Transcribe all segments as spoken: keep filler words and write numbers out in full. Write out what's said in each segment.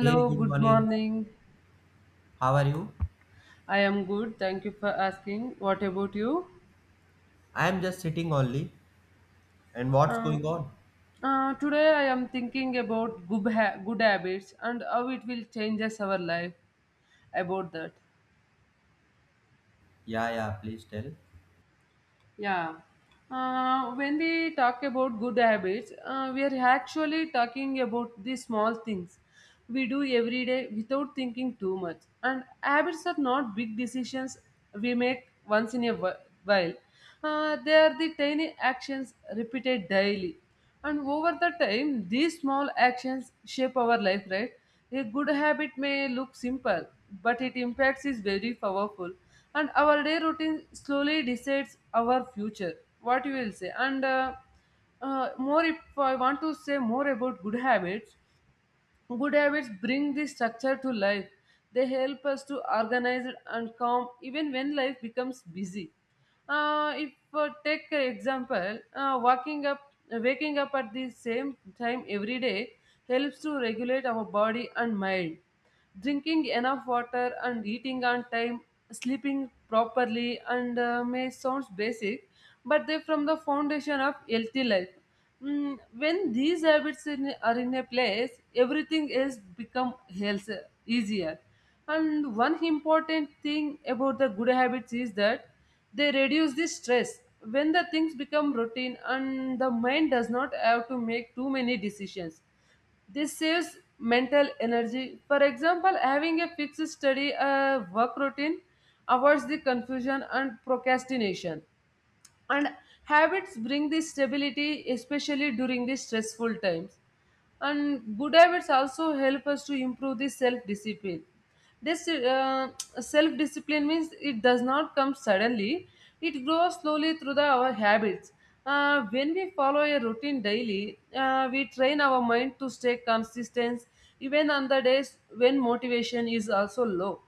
Hey, good good morning. morning. How are you? I am good. Thank you for asking. What about you? I am just sitting only. And what's Uh, going on? uh, today I am thinking about good, ha- good habits and how it will changes our life. About that. Yeah, yeah, please tell. Yeah. Uh, when we talk about good habits, uh, we are actually talking about the small things we do every day without thinking too much. And habits are not big decisions we make once in a wh- while, uh, they are the tiny actions repeated daily, and over the time these small actions shape our life, right? A good habit may look simple, but its impact is very powerful, and our day routine slowly decides our future. What you will say? And uh, uh, more, if I want to say more about good habits. Good habits bring this structure to life. They help us to organize it and calm even when life becomes busy. Uh, if uh, take an example, uh, waking up, waking up at the same time every day helps to regulate our body and mind. Drinking enough water and eating on time, sleeping properly, and uh, may sounds basic, but they from the foundation of healthy life. Mm, when these habits in, are in a place, everything else become health, easier. And one important thing about the good habits is that they reduce the stress. When the things become routine and the mind does not have to make too many decisions, this saves mental energy. For example, having a fixed study uh, work routine avoids the confusion and procrastination, and habits bring this stability especially during the stressful times. And good habits also help us to improve the self discipline. This uh, self discipline means it does not come suddenly, it grows slowly through the, our habits. Uh, when we follow a routine daily, uh, we train our mind to stay consistent even on the days when motivation is also low.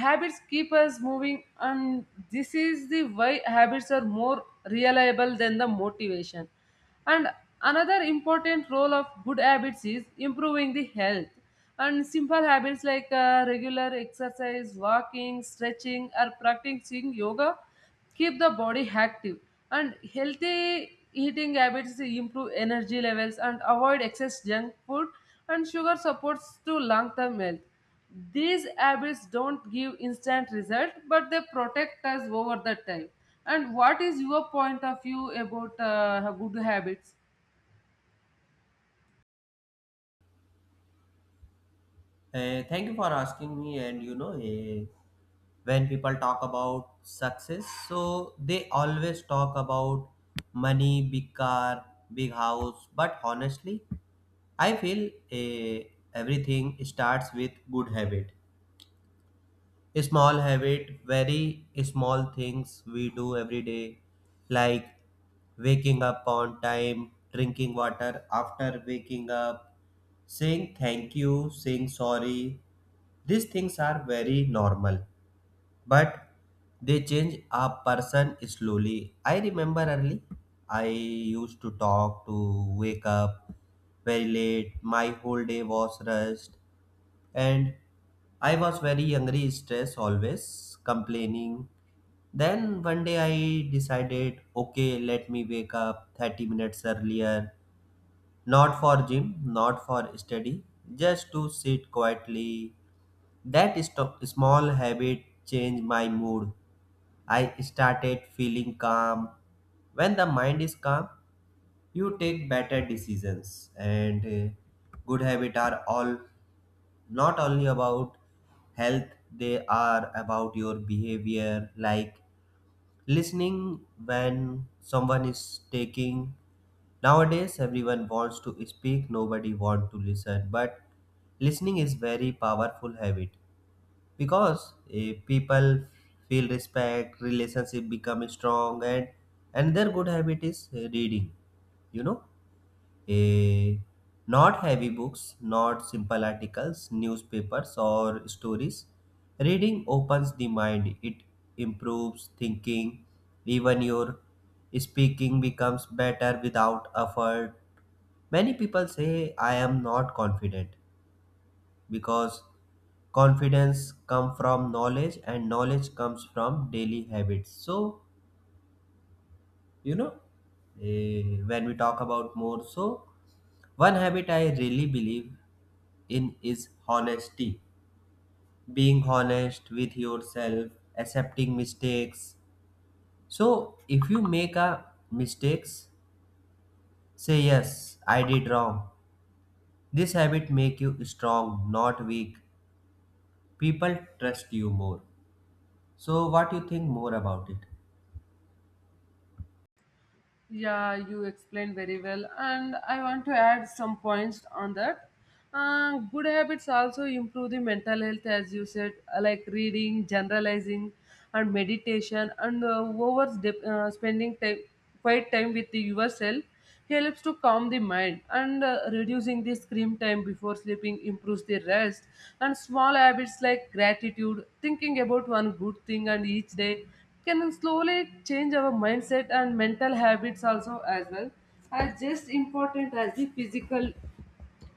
Habits keep us moving, and this is the why habits are more reliable than the motivation. And another important role of good habits is improving the health. And simple habits like uh, regular exercise, walking, stretching, or practicing yoga keep the body active. And healthy eating habits improve energy levels and avoid excess junk food, and sugar supports to long term health. These habits don't give instant result, but they protect us over the time. And what is your point of view about uh, good habits? Uh, thank you for asking me. And you know, eh, when people talk about success, so they always talk about money, big car, big house. But honestly, I feel eh, everything starts with good habit. Small habit, very small things we do every day, like waking up on time, drinking water after waking up, saying thank you, saying sorry. These things are very normal, but they change a person slowly. I remember early, I used to talk to wake up very late, my whole day was rushed, and I was very hungry, stressed, always complaining. Then one day I decided, okay, let me wake up thirty minutes earlier, not for gym, not for study, just to sit quietly. That sto- small habit changed my mood. I started feeling calm. When the mind is calm, you take better decisions. And uh, Good habits are all not only about health, they are about your behavior, like listening when someone is taking. Nowadays everyone wants to speak, nobody want to listen, but listening is very powerful habit, because eh, people feel respect, relationship become strong. And another good habit is eh, reading, you know, a not heavy books, not simple articles, newspapers, or stories. Reading opens the mind, it improves thinking, even your speaking becomes better without effort. Many people say, I am not confident, because confidence comes from knowledge, and knowledge comes from daily habits. So, you know, eh, when we talk about more, so one habit I really believe in is honesty, being honest with yourself, accepting mistakes. So if you make a mistakes, say yes, I did wrong. This habit make you strong, not weak, people trust you more. So what you think more about it? Yeah, you explained very well, and I want to add some points on that. Uh, good habits also improve the mental health, as you said, uh, like reading, generalizing, and meditation, and uh, over dep- uh, spending time, quiet time with yourself. He helps to calm the mind. And uh, reducing the screen time before sleeping improves the rest, and small habits like gratitude, thinking about one good thing and each day, can slowly change our mindset. And mental habits also as well, as just important as the physical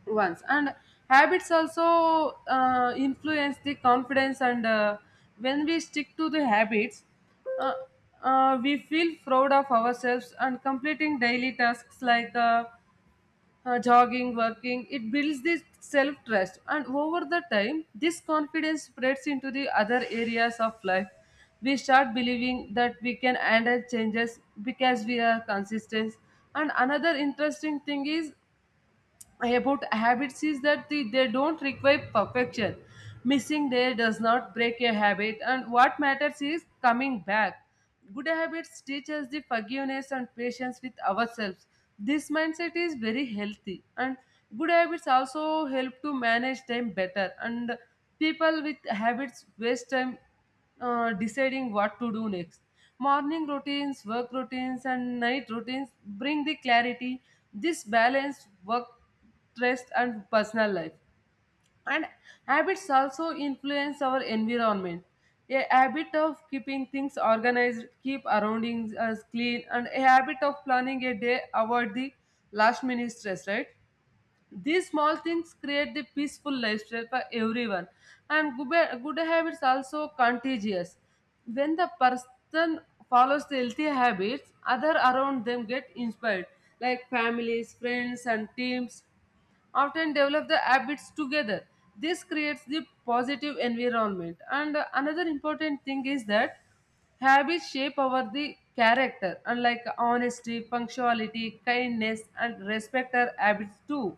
once. And habits also uh, influence the confidence. And uh, when we stick to the habits, uh, uh, we feel proud of ourselves, and completing daily tasks like uh, uh, jogging, working, it builds this self trust. And over the time this confidence spreads into the other areas of life. We start believing that we can handle changes because we are consistent. And another interesting thing is about habits is that the, they don't require perfection. Missing day does not break a habit, and what matters is coming back. Good habits teach us the forgiveness and patience with ourselves. This mindset is very healthy, and good habits also help to manage time better. And people with habits waste time uh, deciding what to do next. Morning routines, work routines, and night routines bring the clarity. This balance work, stress, and personal life. And habits also influence our environment. A habit of keeping things organized keep surroundings us clean, and a habit of planning a day avoid the last minute stress, right? These small things create the peaceful lifestyle for everyone, and good, good habits also contagious. When the person follows the healthy habits, other around them get inspired, like families, friends, and teams often develop the habits together. This creates the positive environment. And uh, another important thing is that habits shape our the character, unlike honesty, punctuality, kindness, and respect are habits too.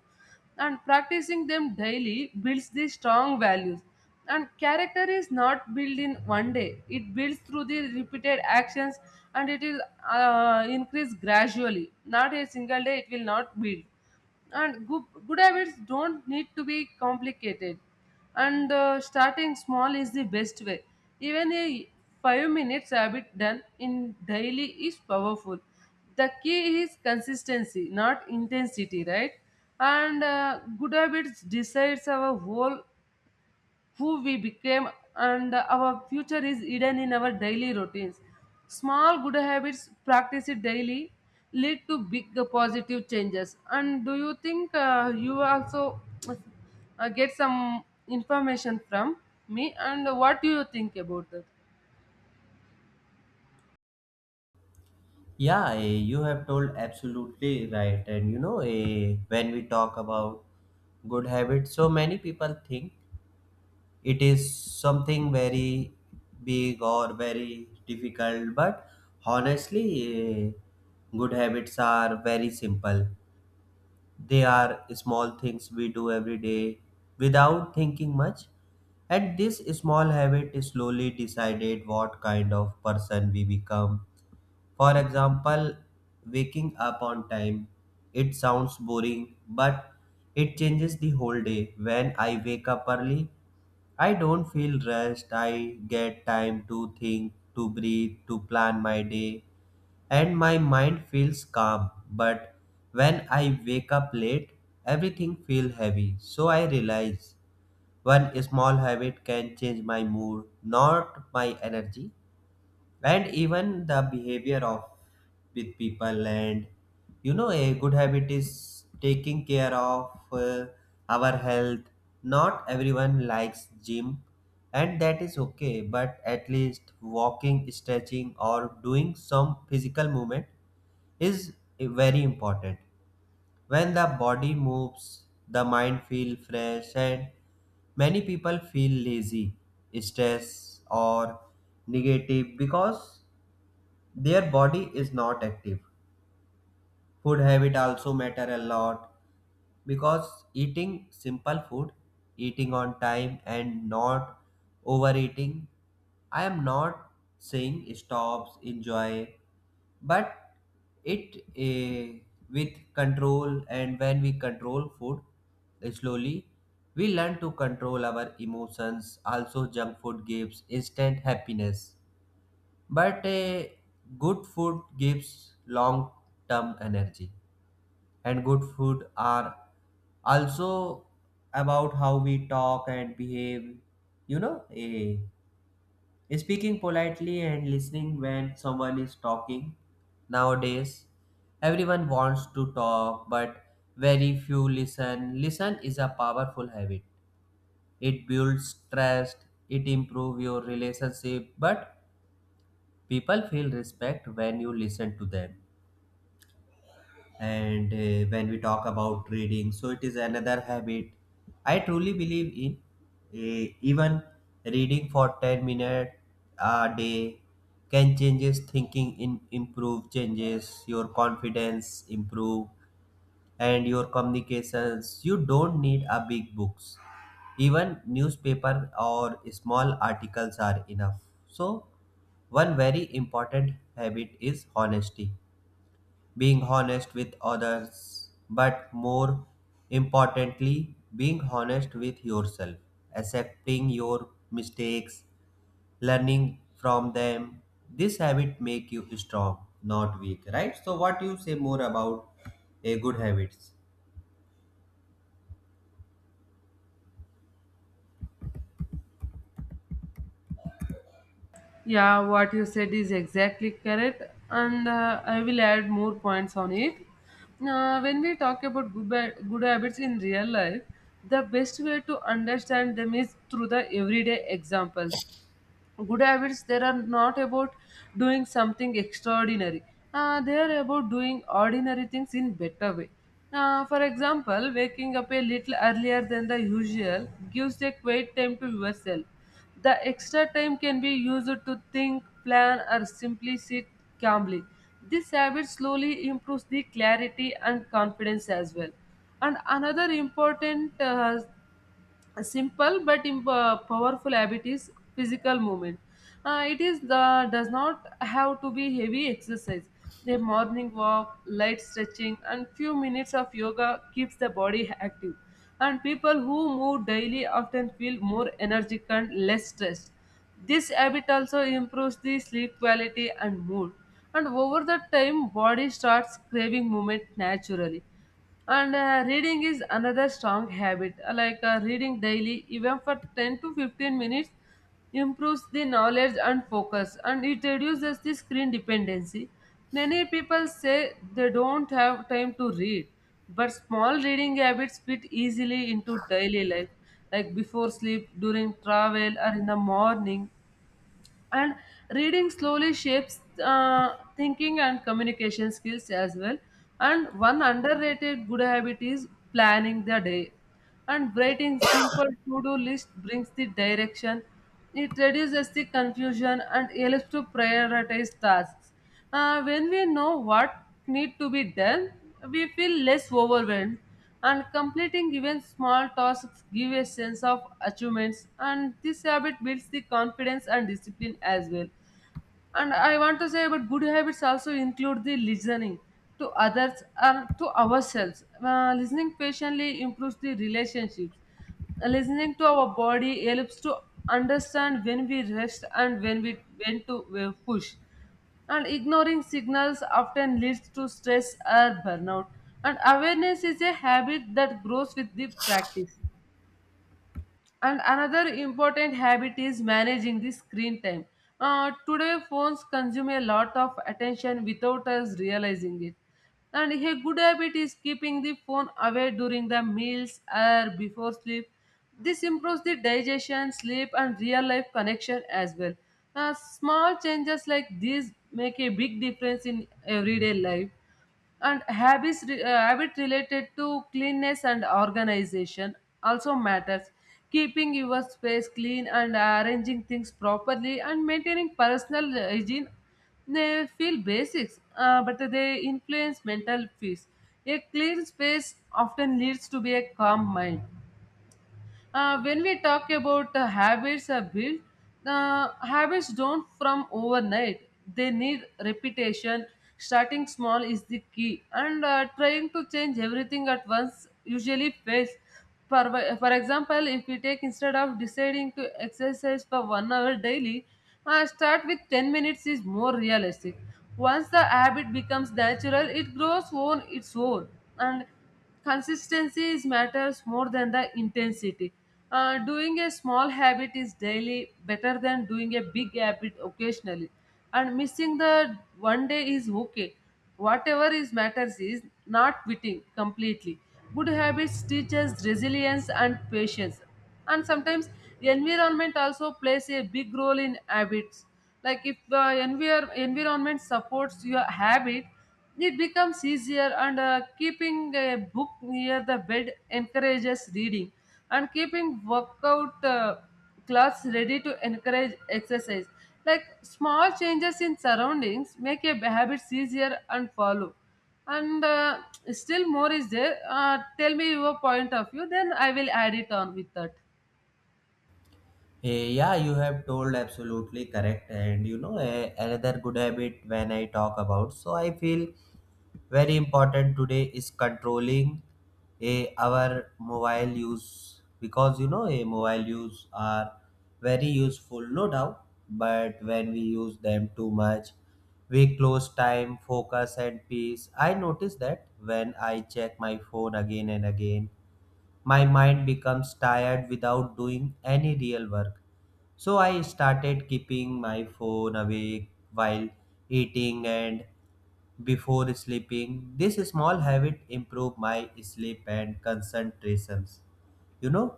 And practicing them daily builds the strong values. And character is not built in one day; it builds through the repeated actions, and it will uh, increase gradually. Not a single day; it will not build. And good, good habits don't need to be complicated. And uh, starting small is the best way. Even a five minutes habit done in daily is powerful. The key is consistency, not intensity, right? And uh, good habits decides our whole who we became, and our future is hidden in our daily routines. Small good habits, practice it daily, lead to big uh, positive changes. And do you think uh, you also uh, get some information from me? And what do you think about that? Yeah, eh, you have told absolutely right. And you know, eh, when we talk about good habits, so many people think it is something very big or very difficult, but honestly, eh, good habits are very simple. They are small things we do every day without thinking much, and this small habit slowly decided what kind of person we become. For example, waking up on time, it sounds boring, but it changes the whole day. When I wake up early, I don't feel rushed. I get time to think, to breathe, to plan my day, and my mind feels calm. But when I wake up late, everything feels heavy. So I realize one small habit can change my mood, not my energy, and even the behavior of with people. And you know, a good habit is taking care of uh, our health. Not everyone likes gym, and that is okay, but at least walking, stretching, or doing some physical movement is very important. When the body moves, the mind feel fresh. And many people feel lazy, stressed, or negative because their body is not active. Food habit also matter a lot, because eating simple food, eating on time, and not overeating. I am not saying stops enjoy, but it eh, with control. And when we control food, eh, slowly, we learn to control our emotions. Also, junk food gives instant happiness, but a good food gives long term energy. And good food are also about how we talk and behave. You know, a, speaking politely and listening when someone is talking. Nowadays, everyone wants to talk, but very few listen. Listen is a powerful habit. It builds trust, it improves your relationship, but people feel respect when you listen to them. And uh, When we talk about reading, so it is another habit I truly believe in. Uh, even reading for ten minutes a day can changes thinking in improve, changes your confidence improve and your communications. You don't need a big books, even newspaper or small articles are enough. So one very important habit is honesty, being honest with others, but more importantly being honest with yourself, accepting your mistakes, learning from them. This habit make you strong, not weak, right? So what you say more about a good habits? Yeah, what you said is exactly correct, and uh, I will add more points on it. Uh, when we talk about good, ba- good habits in real life, the best way to understand them is through the everyday examples. Good habits, they are not about doing something extraordinary, uh, they are about doing ordinary things in better way. Uh, for example, waking up a little earlier than the usual gives a quiet time to yourself. The extra time can be used to think, plan, or simply sit calmly. This habit slowly improves the clarity and confidence as well. And another important uh, a simple but imp- uh, powerful habit is physical movement. Uh, it is the, does not have to be heavy exercise. A morning walk, light stretching, and few minutes of yoga keeps the body active. And people who move daily often feel more energetic and less stressed. This habit also improves the sleep quality and mood. And over the time, body starts craving movement naturally. And uh, reading is another strong habit. Uh, like uh, reading daily even for ten to fifteen minutes improves the knowledge and focus, and it reduces the screen dependency. Many people say they don't have time to read, but small reading habits fit easily into daily life, like before sleep, during travel, or in the morning. And reading slowly shapes uh, thinking and communication skills as well. And one underrated good habit is planning the day, and writing simple to-do list brings the direction. It reduces the confusion and helps to prioritize tasks. Uh, when we know what need to be done, we feel less overwhelmed, and completing even small tasks give a sense of achievements, and this habit builds the confidence and discipline as well. And I want to say about good habits also include the listening to others and to ourselves. Uh, listening patiently improves the relationships. Listening to our body helps to understand when we rest and when we when to uh, push. And ignoring signals often leads to stress or burnout. And awareness is a habit that grows with the practice. And another important habit is managing the screen time. Uh, today, phones consume a lot of attention without us realizing it. And a good habit is keeping the phone away during the meals or before sleep. This improves the digestion, sleep, and real life connection as well. Uh, small changes like these make a big difference in everyday life. And habits re- uh, habit related to cleanness and organization also matters. Keeping your space clean and arranging things properly and maintaining personal hygiene, they feel basics, uh, but they influence mental peace. A clean space often leads to be a calm mind. Uh, when we talk about uh, habits are built, uh, habits don't from overnight. They need repetition. Starting small is the key, and uh, trying to change everything at once usually fails. For, for example, if we take instead of deciding to exercise for one hour daily, uh, start with ten minutes is more realistic. Once the habit becomes natural, it grows on its own. And consistency is matters more than the intensity. Uh, doing a small habit is daily better than doing a big habit occasionally, and missing the one day is okay. Whatever is matters is not quitting completely. Good habits teach us resilience and patience. And sometimes environment also plays a big role in habits. Like if the envir- environment supports your habit, it becomes easier. And uh, keeping a book near the bed encourages reading, and keeping workout uh, class ready to encourage exercise. Like small changes in surroundings make your habits easier and follow. And uh, still more is there. Uh, tell me your point of view, then I will add it on with that. Eh, Yeah, you have told absolutely correct. And you know, eh, another good habit when I talk about, so I feel very important today is controlling a our mobile use, because you know, a mobile use are very useful, no doubt. But when we use them too much, we close time, focus, and peace. I notice that when I check my phone again and again, my mind becomes tired without doing any real work. So I started keeping my phone away while eating and before sleeping. This small habit improved my sleep and concentrations. You know,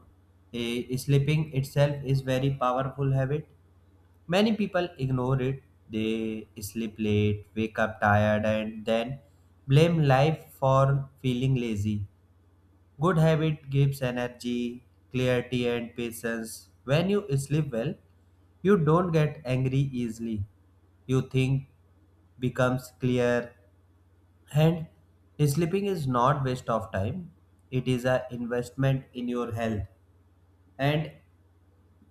eh, sleeping itself is very powerful habit. Many people ignore it. They sleep late, wake up tired, and then blame life for feeling lazy. Good habit gives energy, clarity, and patience. When you sleep well, you don't get angry easily. You think becomes clear. And sleeping is not waste of time, it is an investment in your health. And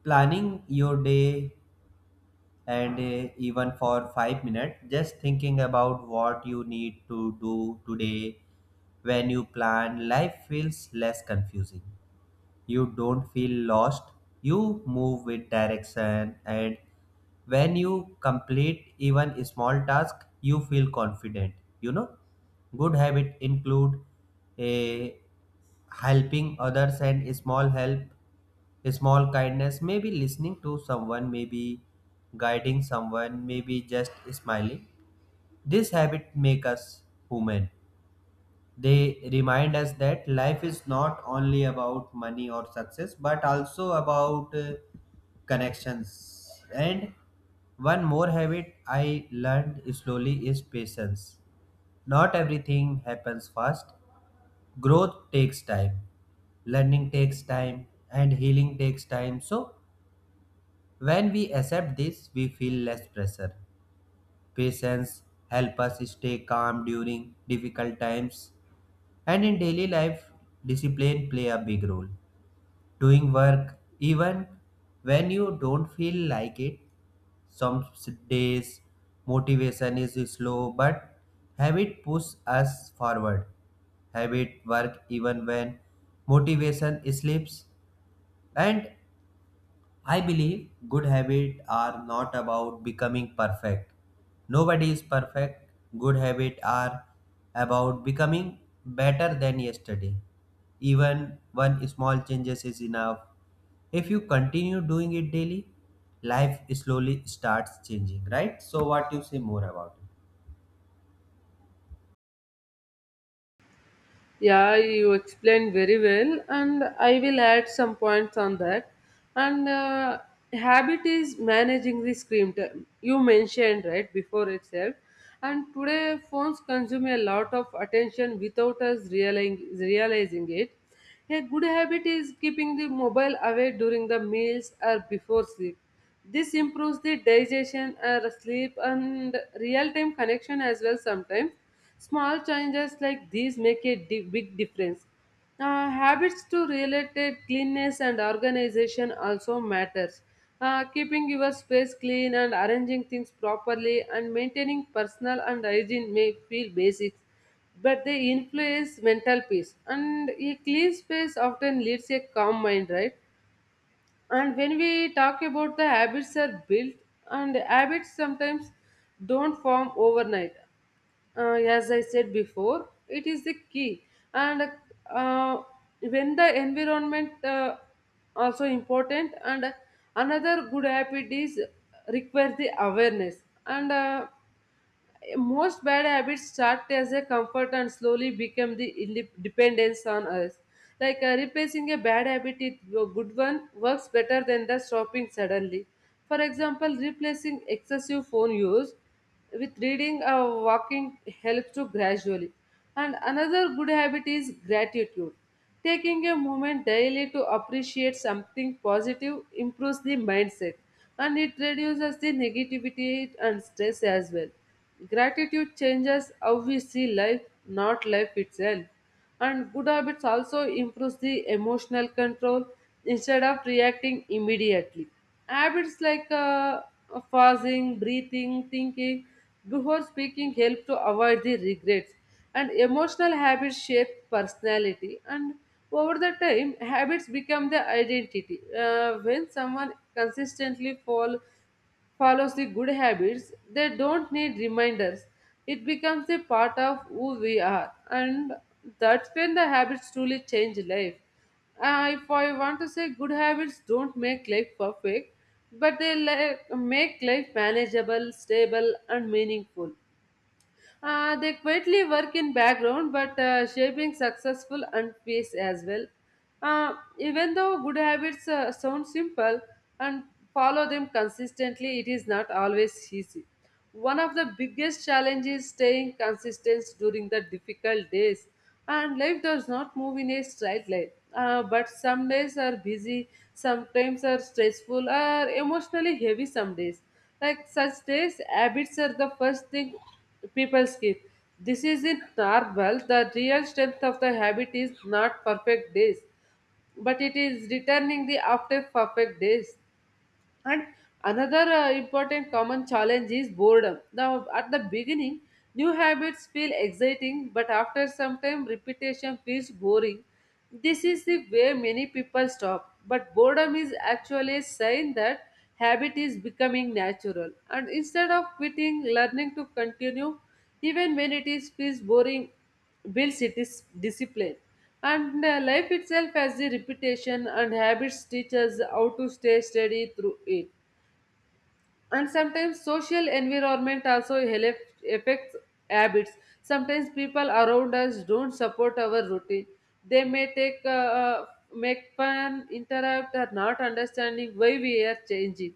planning your day, and uh, even for five minutes just thinking about what you need to do today. When you plan, life feels less confusing. You don't feel lost, you move with direction, and when you complete even a small task, you feel confident. You know, good habit include a helping others and a small help, a small kindness, maybe listening to someone, maybe guiding someone, maybe just smiling. This habit make us human, they remind us that life is not only about money or success, but also about uh, connections. And one more habit I learned slowly is patience. Not everything happens fast. Growth takes time, learning takes time, and healing takes time. So, when we accept this, we feel less pressure. Patience help us stay calm during difficult times. And in daily life, discipline play a big role. Doing work even when you don't feel like it. Some s- days motivation is slow, but habit pushes us forward. Habit work even when motivation slips. And I believe good habits are not about becoming perfect. Nobody is perfect. Good habits are about becoming better than yesterday. Even one small changes is enough. If you continue doing it daily, life slowly starts changing, right? So what you say more about Yeah, you explained very well, and I will add some points on that. And uh, habit is managing the screen time. You mentioned right before itself, and today phones consume a lot of attention without us realizing realizing it. A good habit is keeping the mobile away during the meals or before sleep. This improves the digestion, uh, sleep, and real time connection as well. Sometimes small changes like these make a di- big difference. Uh, habits to related cleanness and organization also matters. Uh, keeping your space clean and arranging things properly and maintaining personal and hygiene may feel basic, but they influence mental peace. And a clean space often leads a calm mind, right? And when we talk about the habits are built, and habits sometimes don't form overnight. Uh, as I said before, it is the key. And uh, when the environment uh, also important, and another good habit is requires the awareness. And uh, Most bad habits start as a comfort and slowly become the inde- dependence on us. Like uh, replacing a bad habit with a good one works better than the stopping suddenly. For example, replacing excessive phone use with reading or walking helps to gradually. And another good habit is gratitude. Taking a moment daily to appreciate something positive improves the mindset and it reduces the negativity and stress as well. Gratitude changes how we see life, not life itself. And good habits also improves the emotional control instead of reacting immediately. Habits like uh, pausing, breathing, thinking before speaking help to avoid the regrets. And emotional habits shape personality. And over the time, habits become the identity. Uh, when someone consistently follow follows the good habits, they don't need reminders. It becomes a part of who we are, and that's when the habits truly change life. Uh, if I want to say, good habits don't make life perfect, but they li- make life manageable, stable, and meaningful. Uh, they quietly work in background but uh, shaping successful and peace as well. Uh, even though good habits uh, sound simple and follow them consistently, it is not always easy. One of the biggest challenges is staying consistent during the difficult days. And life does not move in a straight line. Uh, but some days are busy, sometimes are stressful, or emotionally heavy some days. Like such days, habits are the first thing People skills. This is in normal. The real strength of the habit is not perfect days, but it is returning the after perfect days. And another uh, important common challenge is boredom. Now, at the beginning, new habits feel exciting, but after some time, repetition feels boring. This is the way many people stop. But boredom is actually a sign that habit is becoming natural. And instead of quitting, learning to continue, even when it is feels boring builds it is discipline and uh, life itself has the repetition and habits teach us how to stay steady through it and sometimes social environment also help, affects habits sometimes people around us don't support our routine they may take uh, uh, make fun interrupt or not understanding why we are changing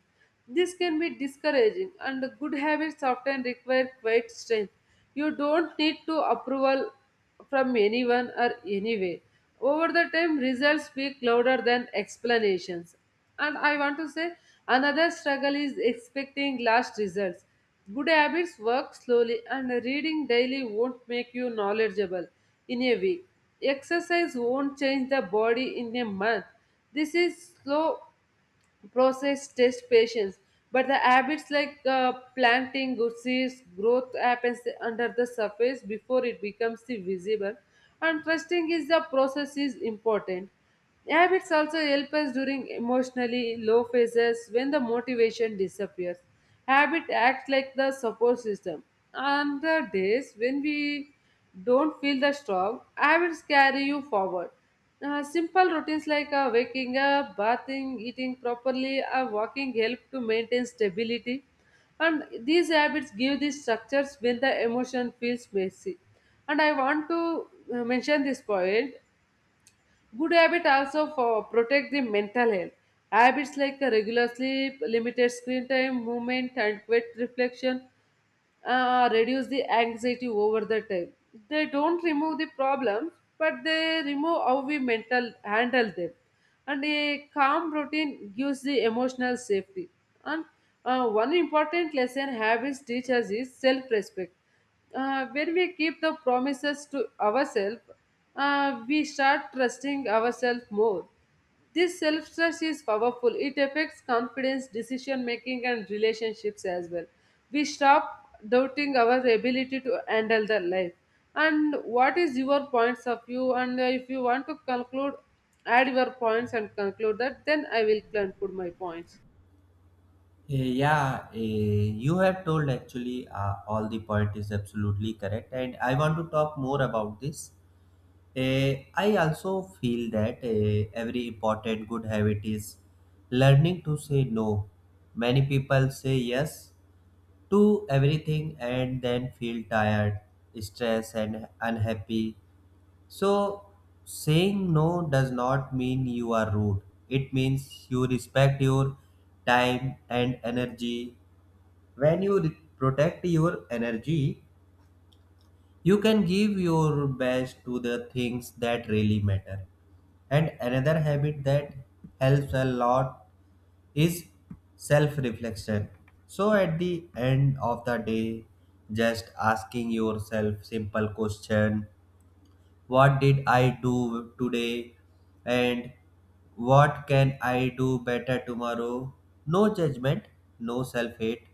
this can be discouraging and good habits often require quite strength you don't need to approval from anyone or anyway. Over the time, results speak louder than explanations. And I want to say another struggle is expecting last results. Good habits work slowly, and reading daily won't make you knowledgeable in a week. Exercise won't change the body in a month. This is slow process test patience but the habits like uh, planting good seeds growth happens under the surface before it becomes the visible and trusting is the process is important habits also help us during emotionally low phases when the motivation disappears habit acts like the support system on the days when we don't feel the strong habits carry you forward uh, simple routines like uh, waking up, bathing, eating properly, or walking help to maintain stability. And these habits give these structures when the emotion feels messy. And I want to uh, mention this point. Good habit also for protect the mental health. Habits like uh, regular sleep, limited screen time, movement, and quiet reflection uh, reduce the anxiety over the time. They don't remove the problems, but they remove how we mental handle them. And a calm routine gives the emotional safety. And uh, One important lesson habits teach us is self-respect. Uh, when we keep the promises to ourselves, uh, we start trusting ourselves more. This self trust is powerful. It affects confidence, decision making, and relationships as well. We stop doubting our ability to handle the life. And what is your points of view? And uh, If you want to conclude, add your points and conclude that, then I will conclude my points. it? Eh, Yeah, eh, you have told actually uh, all the point is absolutely correct, and I want to talk more about this. Eh, I also feel that eh, every important good habit is learning to say no. Many people say yes to everything and then feel tired, stressed, and unhappy. So, saying no does not mean you are rude, it means you respect your time and energy. When you re- protect your energy, you can give your best to the things that really matter. And another habit that helps a lot is self reflection. So, at the end of the day, just asking yourself simple question, what did I do today, and what can I do better tomorrow? No judgment, no self hate,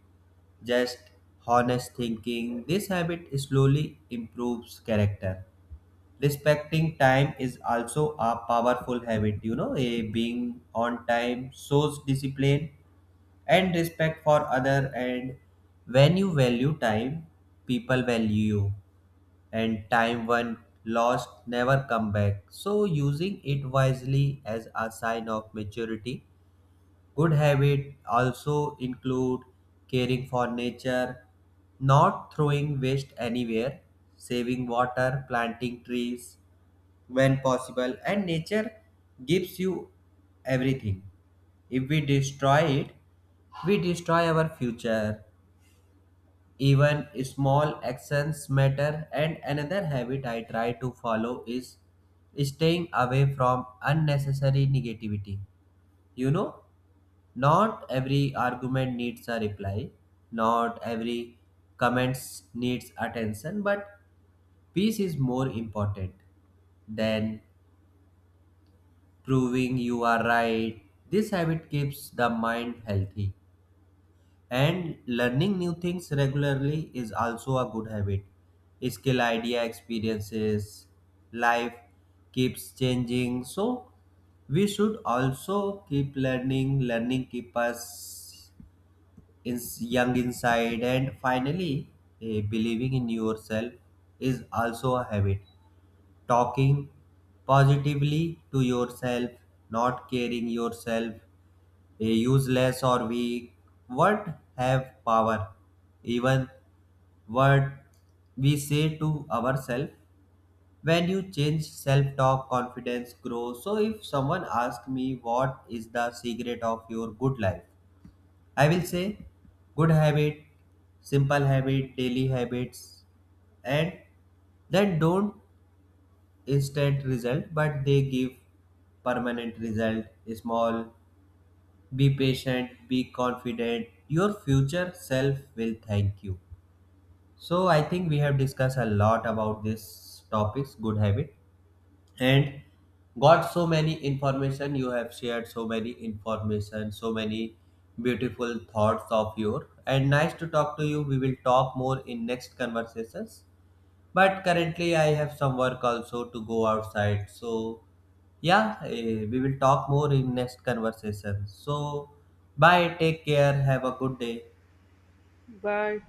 just honest thinking. This habit slowly improves character. Respecting time is also a powerful habit, you know, a being on time shows discipline and respect for other. And when you value time, people value you. And time when lost never come back, so using it wisely as a sign of maturity. Good habit also include caring for nature, not throwing waste anywhere, saving water, planting trees when possible. And nature gives you everything, if we destroy it, we destroy our future. Even small actions matter. And another habit I try to follow is staying away from unnecessary negativity. You know, not every argument needs a reply, not every comments needs attention, but peace is more important than proving you are right. This habit keeps the mind healthy. And learning new things regularly is also a good habit. Skill, idea, experiences, life keeps changing. So we should also keep learning. Learning keep us in young inside. And finally, eh, believing in yourself is also a habit, talking positively to yourself, not caring yourself, a useless or weak. Words have power, even words we say to ourselves. When you change self-talk, confidence grows. So if someone asks me what is the secret of your good life, I will say good habit, simple habit, daily habits, and then don't instant result, but they give permanent result. Small, be patient, be confident, your future self will thank you. So I think we have discussed a lot about this topics good habit, and got so many information. You have shared so many information, so many beautiful thoughts of your, and nice to talk to you. We will talk more in next conversations, but currently I have some work also to go outside. So yeah, eh, we will talk more in next conversation. So, bye, take care, have a good day. Bye.